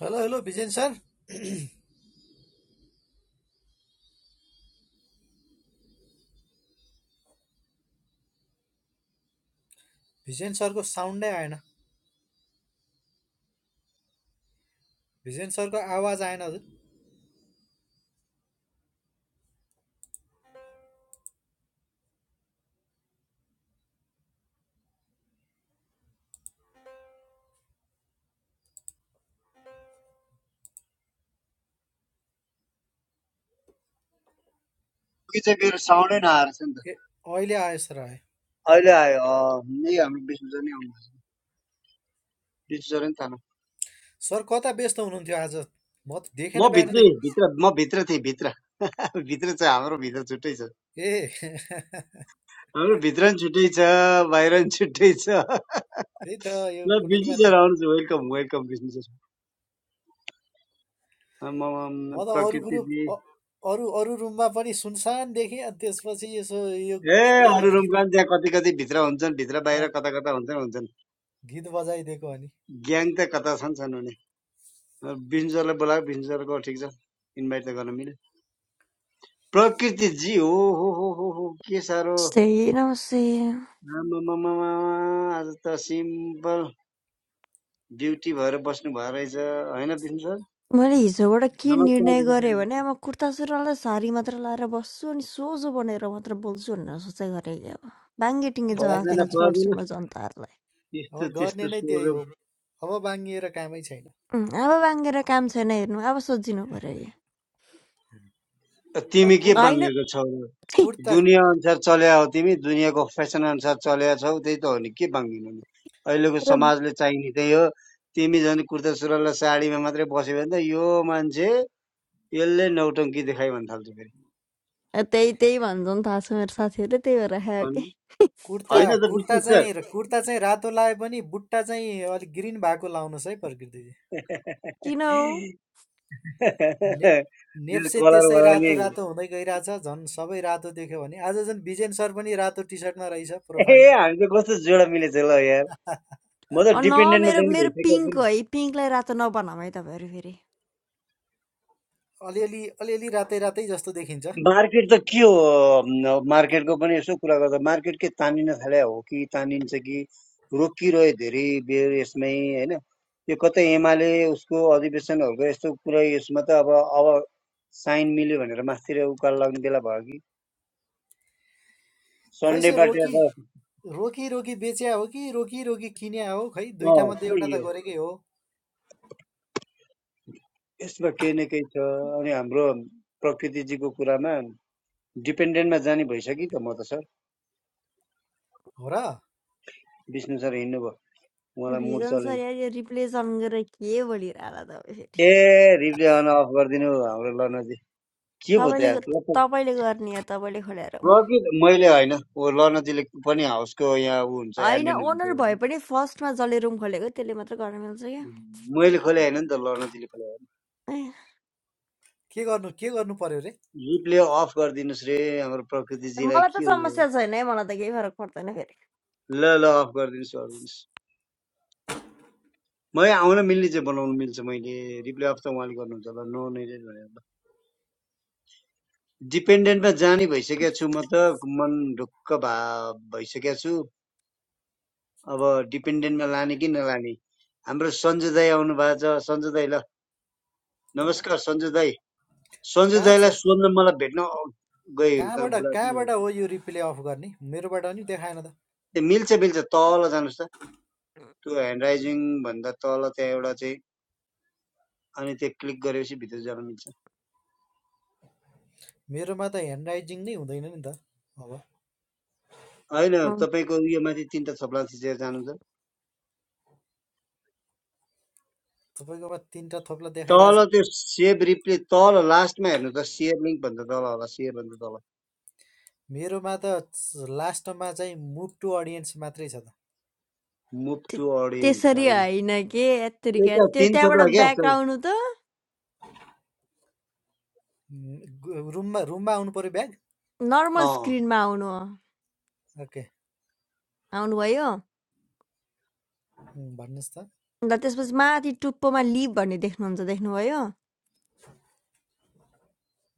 Hello hello Bijen sir Bijen सरको साउन्डै आएन भिजेन सरको आवाज आएन हजुर कि चाहिँ मेरो साउन्डै नआएर थियो नि त ए अहिले आयो सर आयो अहिले आयो अँ, यही हाम्रो विष्णुजन नै आउनुभएछ विष्णुजन थाहा न सर कता व्यस्त हुनुहुन्थ्यो आज म त देखेन म बिहानदेखि भित्र म भित्र थिएँ भित्र भित्र छ हाम्रो भित्र छुट्टै छ ए त्यही हाम्रो भित्र नि छुट्टै छ बाहिर नि छुट्टै छ त यो ल विष्णु कुनैमा सर थिएँ आउनुहोस् वेलकम वेलकम विष्णु सर म म- म त अरू प्रकृतिजी ग्रुप अ- अरू अरू रुममा पनि सुनसान देखेँ अनि त्यसपछि यसो यो ए खोलेर अरू गीत रुमकान त्यहाँ कति कति भित्र हुन्छन् भित्र अँ, बाहिर कता कता हुन्छन् हुन्छन् गीत बजाइदिएको अनि ग्याङ त कता छन् छन् हुने अब सरलाई बोलाएको विष्णु सरको ठिक छ इन्भाइट त गर्न मिल्यो प्रकृतिजी हो हो हो हो हो के साह्रो सही नमस्ते आमामामा आज त सिम्पल ड्युटी भएर बस्नु भयो रहेछ होइन विष्णु सर मैले हिजोबाट के नमस्कार निर्णय विष्णु सर गरेँ भने नमस्कार अब कुर्ता सुरुवालै सारी मात्र लाएर बस्छु अनि सोझो बनेर मात्र बोल्छु भनेर सोचाइ गरेँ कि अब बाङ्गेटिङ्गे जवाफ पर्दैन दिन छोड्छु पर्दैन म जनताहरूलाई अब त्यस्तो गर्ने त्यस्तो नै त्यही हो स्वरूप अब बाङ्गिएर कामै छैन उम्, अब बाङ्गेर काम छैन हेर्नु अब सोचिनु पर्यो कि तर तिमी के कुर् होइन बाङ्गेको छौ र छी, कुर्ता दुनियाँ अनुसार चल्या हो तिमी दुनियाँको फेसन अनुसार चल्या छौ त्यही त हो नि के बाङ्गिनु नि अहिलेको र समाजले चाहिने त्यही हो तिमी झन् कुर्ता सुरुवाल र साडीमा मात्रै बस्यो भने त यो मान्छे यसले नौटङ्की देखाइ भन्न थाल्छ फेरि त्यही त्यही भन्छन् थाहा छ मेरो साथीहरूले त्यही भएर खायो अनि कि कुर्ता होइन त कुर्ता विष्णु सर चाहिँ र कुर्ता चाहिँ रातो लाए पनि बुट्टा चाहिँ अलिक ग्रिन भएको लाउनुहोस् है प्रकृतिजी किन हो ने नेप्से कलर त्यसै भयो नि रातो रातो हुँदै गइरहेछ झन् सबै रातो देख्यो भने आज झन् बिजेन सर पनि रातो टी सर्टमा रहेछ ए प्रोफाइलमा हामी त कस्तो जोडा मिलेछ ल यार म त अँ, न डिपेन्डेन्टमा मेरो जाने मेरो भइसकेको छु पिङ्क नि हो है पिङ्कलाई रातो नबनाऊ है तपाईँहरू फेरि अलिअलि अलिअलि रातै रातै जस्तो देखिन्छ मार्केट त के हो म- मार्केटको पनि यसो कुरा गर्दा मार्केट के तानिन थाले हो कि तानिन्छ कि रोकिरह्यो धेरै बेर यसमै होइन यो कतै एमाले उसको अधिवेशनहरूको यस्तो कुरा यसमा त अब अब साइन मिल्यो भनेर मास्तिर उकालो लाग्ने बेला भयो कि खै सर सन्डेबाट रोकी त रोकी रोकी बेच्या हो कि रोकी रोकी किन्या हो खै अँ दुइटा मध्ये खै एउटा त यो गरेकै हो यसमा केही न केही छ अनि हाम्रो प्रकृतिजीको कुरामा डिपेन्डेन्टमा जाने भइसक्यो त म त सर हो र विष्णु सर हिँड्नुभयो उहाँलाई मुड भिजन चलेन सर यार यो रिप्लेस अन गरेर के बोलिरहला तपाईँ फेरि ए रिप्ले अन अफ गरिदिनु हाम्रो लर्नजी के भयो त तपाईँले यार ग- प्रकृत तपाईँले गर्ने हो तपाईँले खोलेर प्रकृत मैले होइन ऊ लर्नजीले पनि हाउसको यहाँ ऊ हुन्छ होइन एडमिन ओनर हुन्छ भए पनि फर्स्टमा जसले रुम खोलेको त्यसले मात्र गर्न मिल्छ क्या मैले खोले होइन नि त लर्नजीले खोले होइन ए, के गर्नु के गर्नु पर्यो रे रिप्ले अफ गरिदिनुहोस् रे हाम्रो प्रकृतिजीलाई मलाई त के हो यो? समस्या छैन है मलाई त केही फरक पर्दैन फेरि ल ल अफ गरिदिनुहोस् गरिदिनुहोस् मैले आउन मिल्ने चाहिँ बनाउनु मिल्छ मैले रिप्ले अफ त उहाँले गर्नुहुन्छ होला नो नै डिपेन्डेन्टमा जाने भइसकेको छु म त मन ढुक्क भा भइसकेको छु अब डिपेन्डेन्टमा लाने कि नलाने हाम्रो सन्जु दाई आउनु भएको छ सन्जु दाई ल नमस्कार सन्जु दाई सन्जु कहाँ छ दाईलाई सोध्न मलाई भेट्न औ- गयो कहाँ कहाँबाट बुढाथोकी गयो। कहाँबाट हो यो रिप्ले अफ गर्ने मेरोबाट नि देखाएन त त्यो मिल्छ मिल्छ तल जानुहोस् त त्यो ह्यान्ड राइजिङ भन्दा तल त्यहाँ एउटा चाहिँ अनि त्यो क्लिक गरेपछि भित्र जानु मिल्छ मेरोमा त ह्यान्ड राइजिङ नै हुँदैन नि त अब होइन अँ, तपाईँको उयो माथि तिनवटा थप्ला थिचेर जानुहुन्छ तपाईँकोमा तिनवटा थोप्ला देखाइरहेको तल त्यो सेभ रिप्ले तल लास्टमा हेर्नु त सेयर लिङ्क भन्दा तल होला सेयर भन्दा तल छ मेरोमा त च- लास्टमा चाहिँ मुभ टु अडियन्स मात्रै छ त मुभ ते- टु अडियन्स त्यसरी होइन होइन के यत्तरी क्या यता त्यो तिन त्यहाँबाट थोप्ला क्या ब्याक त्यो आउनु त रुममा रुममा आउनु पऱ्यो ब्याग नर्मल अँ स्क्रिनमा आउनु हो ओके आउनुभयो उम्, भन्नुहोस् त अन्त त्यसपछि माथि टुप्पोमा लिभ भन्ने देख्नुहुन्छ देख्नुभयो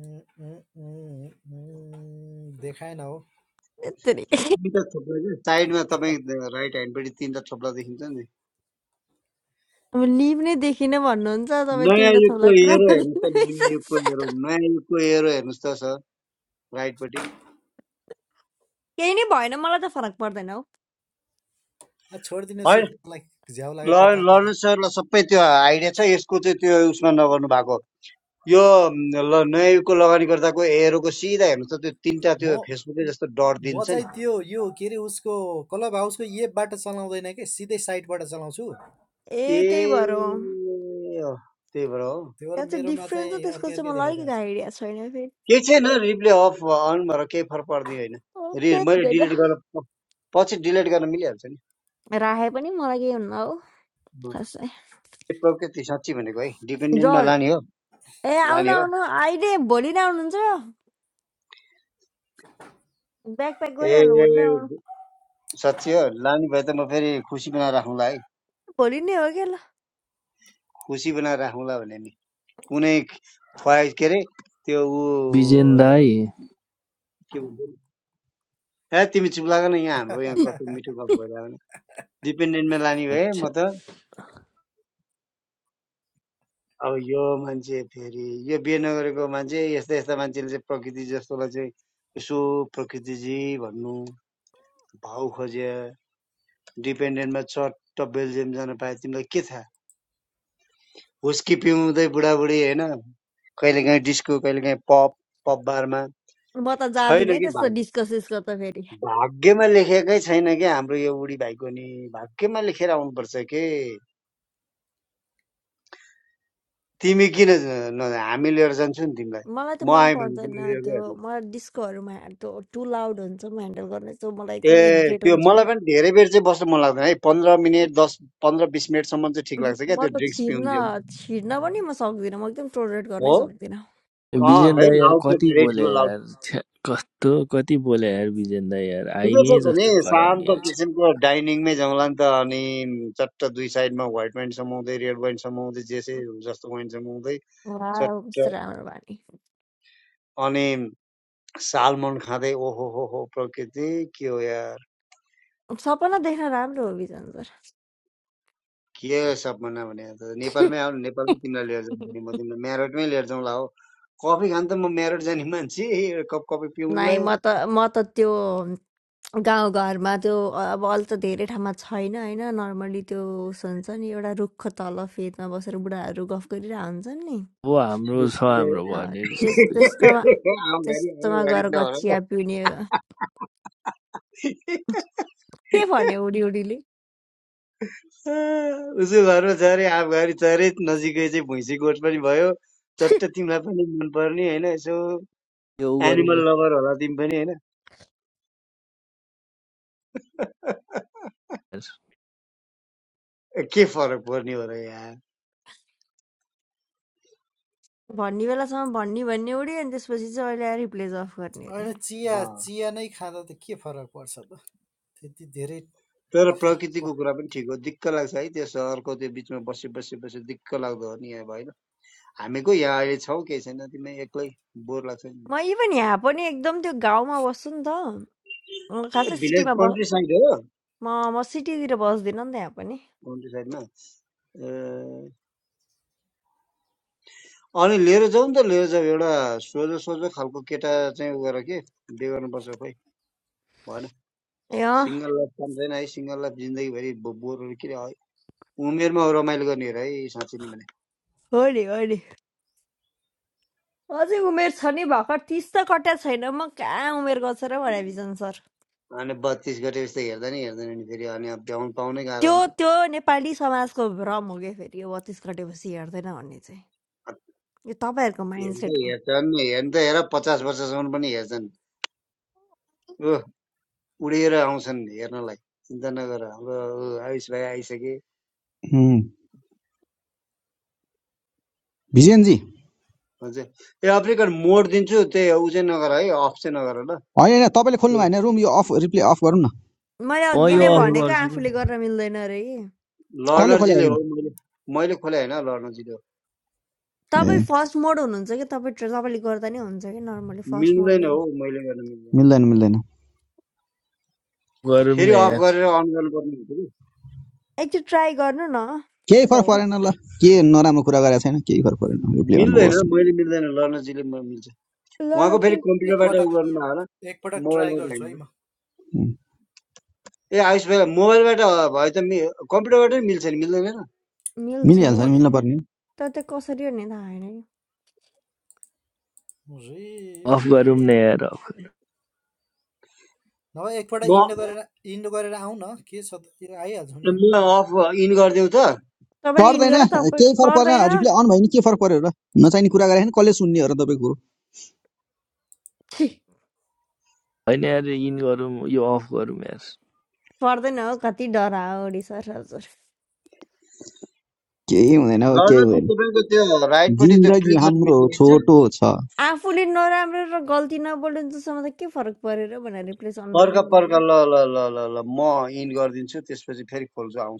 उम्, उम्, उम्, उम्, देखाएन हो यत्तरी तिनवटा थोप्ला क्या साइडमा तपाईँ राइट ह्यान्डपट्टि तिनवटा थोप्ला देखिन्छ नि अब लिभ नै देखिन भन्नुहुन्छ तपाईँ नयाँ तिनवटा थोला युगको क्रम हेरो हेर्नुहोस् त नयाँ युगको हेरो नयाँ युगको हेरो हेर्नुहोस् त सर राइटपट्टि केही नै भएन मलाई त फरक पर्दैन हौ आ, छोडिदिनुहोस् यो होइन मलाई झ्याउ लाग्यो ल कता लर्नर सरलाई सबै त्यो आइडिया छ यसको चाहिँ त्यो उसमा नगर्नु भएको यो म, ल नयाँ युगको लगानी गर्दाको हेरोको सिधा हेर्नुहोस् त त्यो तिनवटा म त्यो फेसबुकै जस्तो डट म दिन्छ नि चाहिँ त्यो यो के अरे उसको क्लब हाउसको एपबाट चलाउँदैन कि सिधै साइटबाट चलाउँछु ए ए त्यही भएर हो अँ, त्यही भएर हो त्यो भएर त्यहाँ चाहिँ मेरोमा चाहिँ डिफ्रेन्स छ त्यसको अर्कै चाहिँ अर्कै मलाई अलिकति देखाइरहेको आइडिया छैन फेरि केही छैन रिप्ले अफ अन भएर केही फरक पर्दैन होइन रि ओके मैले भेट डिलिट गर्न प- पछि डिलिट गर्न मिलिहाल्छ नि राखे पनि मलाई केही हुन्न हौ अँ। खासै के प्रकृति त्यो साँच्ची भनेको है डिपेन्डेन्टमा जर लाने हो ए आउनु लाने हो आउनु अहिले भोलि नै आउनुहुन्छ ब्याक प्याक ए गरिहाल्नु भोलि नै आउनु साँच्ची हो लाने भए त म फेरि खुसी बनाएर राखौँला है भोलि नै हो क्या ल खुसी बनाएर राखौँला भने नि कुनै ख्वाइस के अरे त्यो ऊ बिजेन दाई अ, के भन्छ ए तिमी चुप लाग न यहाँ हाम्रो यहाँ छ कस्तो मिठो गफ भइरहेको डिपेन्डेन्टमा लाने भए म छ्या, त अब यो मान्छे फेरि यो बिहे नगरेको मान्छे यस्ता यस्ता मान्छेले चाहिँ प्रकृति जस्तोलाई चाहिँ यसो प्रकृतिजी भन्नु भाउ खोज्या डिपेन्डेन्टमा चट्ट बेल्जियम जान पाए तिमीलाई के थाहा हुस्की पिउँदै बुढाबुढी होइन कहिलेकाहीँ डिस्को कहिलेकाहीँ पप पप बारमा म त जाँदिनँ छैन है कि त्यस्तो भाग डिस्को सिस्को त फेरि भाग्यमा लेखेकै छैन कि हाम्रो यो बुढी भाइको नि भाग्यमा लेखेर आउनुपर्छ के तिमी किन ज- न हामी लिएर जान्छौ नि तिमीलाई मलाई त म मन आएँ भने पर्दैन तिमी लिएर त्यो गयो मलाई डिस्कोहरूमा त्यो टु लाउड हुन्छ म ह्यान्डल गर्ने सो मलाई ए एकदम इरिटेट त्यो हुन्छु मलाई म पनि धेरै बेर चाहिँ बस्नु मन लाग्दैन है पन्ध्र मिनट दस पन्ध्र बिस मिनटसम्म चाहिँ ठिक लाग्छ क्या म त्यो त ड्रिङ्क्स छिर्न पिउन्थ्यो छिर्न पनि म सक्दिनँ म एकदम टोलरेट हो गर्नै सक्दिनँ अँ बिजेन है दाई यार लाउड चाहिँ कति धेरै बोले ठुलो लाउड यार छ्या, कस्तो कति बोले यार बिजेन दाई यार ठिकै आइमे छ भने जस्तो कराउने शान्त यार छ्या। किसिमको डाइनिङमै जाउँला नि त अनि चट्ट दुई साइडमा व्हाइट वाइन समाउँदै रेड वाइन समाउँदै जे जे जस्तो वाइन समाउँदै वा चट्ट कस्तो राम्रो बानी अनि सालमन खाँदै ओहो हो हो प्रकृति के हो यार सपना देख्न राम्रो हो बिजन्जर के सपना भने त नेपालमै आउनु नेपालमै तिमीलाई लिएर जान्छु नि म तिमीलाई म्यारटमै लिएर जाउँला हो कफी खान त म म्यारट जाने मान्छे एउटा कप कफी नाइ पिउनुलाई म त म त त्यो गाउँघरमा त्यो अब अहिले त धेरै ठाउँमा छैन होइन नर्मली त्यो उस हुन्छ नि एउटा रुखको तल फेदमा बसेर बुढाहरू गफ गरिरहेको हुन्छन् नि अब हाम्रो छ हाम्रो अँ, भन्ने त्यस रिसर्च बेस। त्यस्तोमा आउँघारी त्यस्तोमा आउँघारी गएर छ होला ल। गचिया पिउने के भन्यो उडी उडीले उसो घरमा छ अरे आफघारी छ अरे नजिकै चाहिँ भैँसी गोठ पनि भयो चट्ट तिमीलाई पनि मनपर्ने होइन यसो यो उ गरौँ यो एनिमल लभर होला तिमी पनि होइन यार। के फरक पर्ने हो र भन्ने बेलासम्म भन्ने भन्ने उडी अनि त्यसपछि चाहिँ अहिले आएर रिप्लेस अफ गर्ने अरे होइन चिया यहाँ चिया नै खाँदा त के फरक पर्छ त त्यति धेरै तर कफी क- प्रकृतिको कुरा पनि ठिक हो दिक्क लाग्छ है त्यो सहरको त्यो बिचमा बसी बसी बसी दिक्क लाग्दो हो नि अब होइन हामी को यहाँ अहिले छौ केही छैन तिमी एक्लै बोर लाग्छ नि म इभन यहाँ पनि एकदम त्यो गाउँमा बस्छु नि त म खासै भिलेज सिटीमा बस कन्ट्री साइड हो म म सिटीतिर बस्दिनँ नि त यहाँ कन्ट्री साइडमा अनि लिएर जाउँ त लिएर जाउँ एउटा सोझो सोझो खालको केटा चाहिँ उ गर के बिहे गर्नुपर्छ खोइ भएन पनि सिङ्गल लाइफ काम छैन है सिङ्गल लाइफ जिन्दगीभरि बो- बोरहरू किन है? उमेरमा रमाइलो गर्ने हो र है साँच्ची नै भने हो नि हो नि अझै उमेर छ नि भर्खर तिस त कट्या छैन म कहाँ उमेर गर्छ र भने बिजन सर अनि बत्तिस गते जस्तो हेर्दा नि हेर्दैन नि फेरि अनि अब भ्याउनु पाउनै गाह्रो त्यो हुन्छ त्यो नेपाली समाजको भ्रम हो क्या फेरि यो बत्तिस कटेपछि हेर्दैन भन्ने चाहिँ यो तपाईँहरूको माइन्ड हेर्दै सेट हो हेर्छन् हेर्दै हेर पचास वर्षसम्म पनि हेर्छन् ऊ उडेर आउँछन् हेर्नलाई चिन्ता नगर हाम्रो ऊ आयुष भाइ आइसके उम्, भिजेनजी भन्छ ए अफ्रिकन मोड दिन्छु त्यही हो, चाहिँ नगर है अफ चाहिँ नगर ल होइन होइन तपाईँले खोल्नु त्यो भयो भने रुम यो अफ रिप्ले अफ गरौँ न मैले म अघि यो नै हामीले अफ हो भनेको गर्छु कि आफूले म गर्न मिल्दैन अरे कि कसले खोले लर्नरजीले रुम हो मैले मैले खोले होइन लर्नरजीले हो ए तपाईँ फर्स्ट मोड हुनुहुन्छ कि तपाईँ ट्र- तपाईँले गर्दा नै हुन्छ कि नर्मली फर्स्ट मिल्दैन मोडले हो मैले गर्न मिल्दैन मिल्दैन मिल्दैन गरौँ न फेरि अफ यार गरेर अन गर्नुपर्ने एकचोटि ट्राई गर्नु न केही के फरक भएर परेन ल के नराम्रो कुरा गरेको छैन केही फरक परेन रिप्ले मिल्दैन गर्नुहोस् मैले मिल्दैन लर्नरजीले म मिल्छ ल ल उहाँको है, फेरि के कम्प्युटरबाट उ एकपटक गर्नुमा होला एकपटक ट्राई मोबाइलबाट गर्छु होइन है म ए आयुष भाइ मोबाइलबाट भए त मि- कम्प्युटरबाटै मिल्छ नि मिल्दैन र मिल्छ मिल्नु मिलिहाल्छ नि पर्ने मिल्न पर्ने तर त्यो कसरी हो नि थाहा होइन कि अफ गरौँ रिप्ले न यार अफ नभए एकपल्ट म इन्डो गरेर इन्डो गरेर आउँ न के छ त आइहाल्छौँ नि हामी म अफ इन गरिदेऊ त तपाईँले इन पर्दैन गरेर तपाईँ केही फरक परेन रिप्ले पर्दैन अन भयो भने के फरक पर्यो र नचाहिने कुरा गरेको छैन कसले सुन्ने हो र तपाईँको कुरो होइन यार इन गरौँ यो अफ गरौँ यार पर्दैन हो कति डराओडी सर हजुर केही हुँदैन ल केही ल त्यो हुँदैन तपाईँको त्यो राइटपट्टि त्यो जिन्दगी क्लिक गर्नु हाम्रो मिल्दो छोटो छ आफूले नराम्रो र गल्ती नबोल्ने जसम्म त के फरक परेर भनेर रिप्लेस अन पर्ख भन्नु पर्ख भन्यो। ल ल ल ल ल म इन गरिदिन्छु त्यसपछि फेरि खोल्छु आउँछु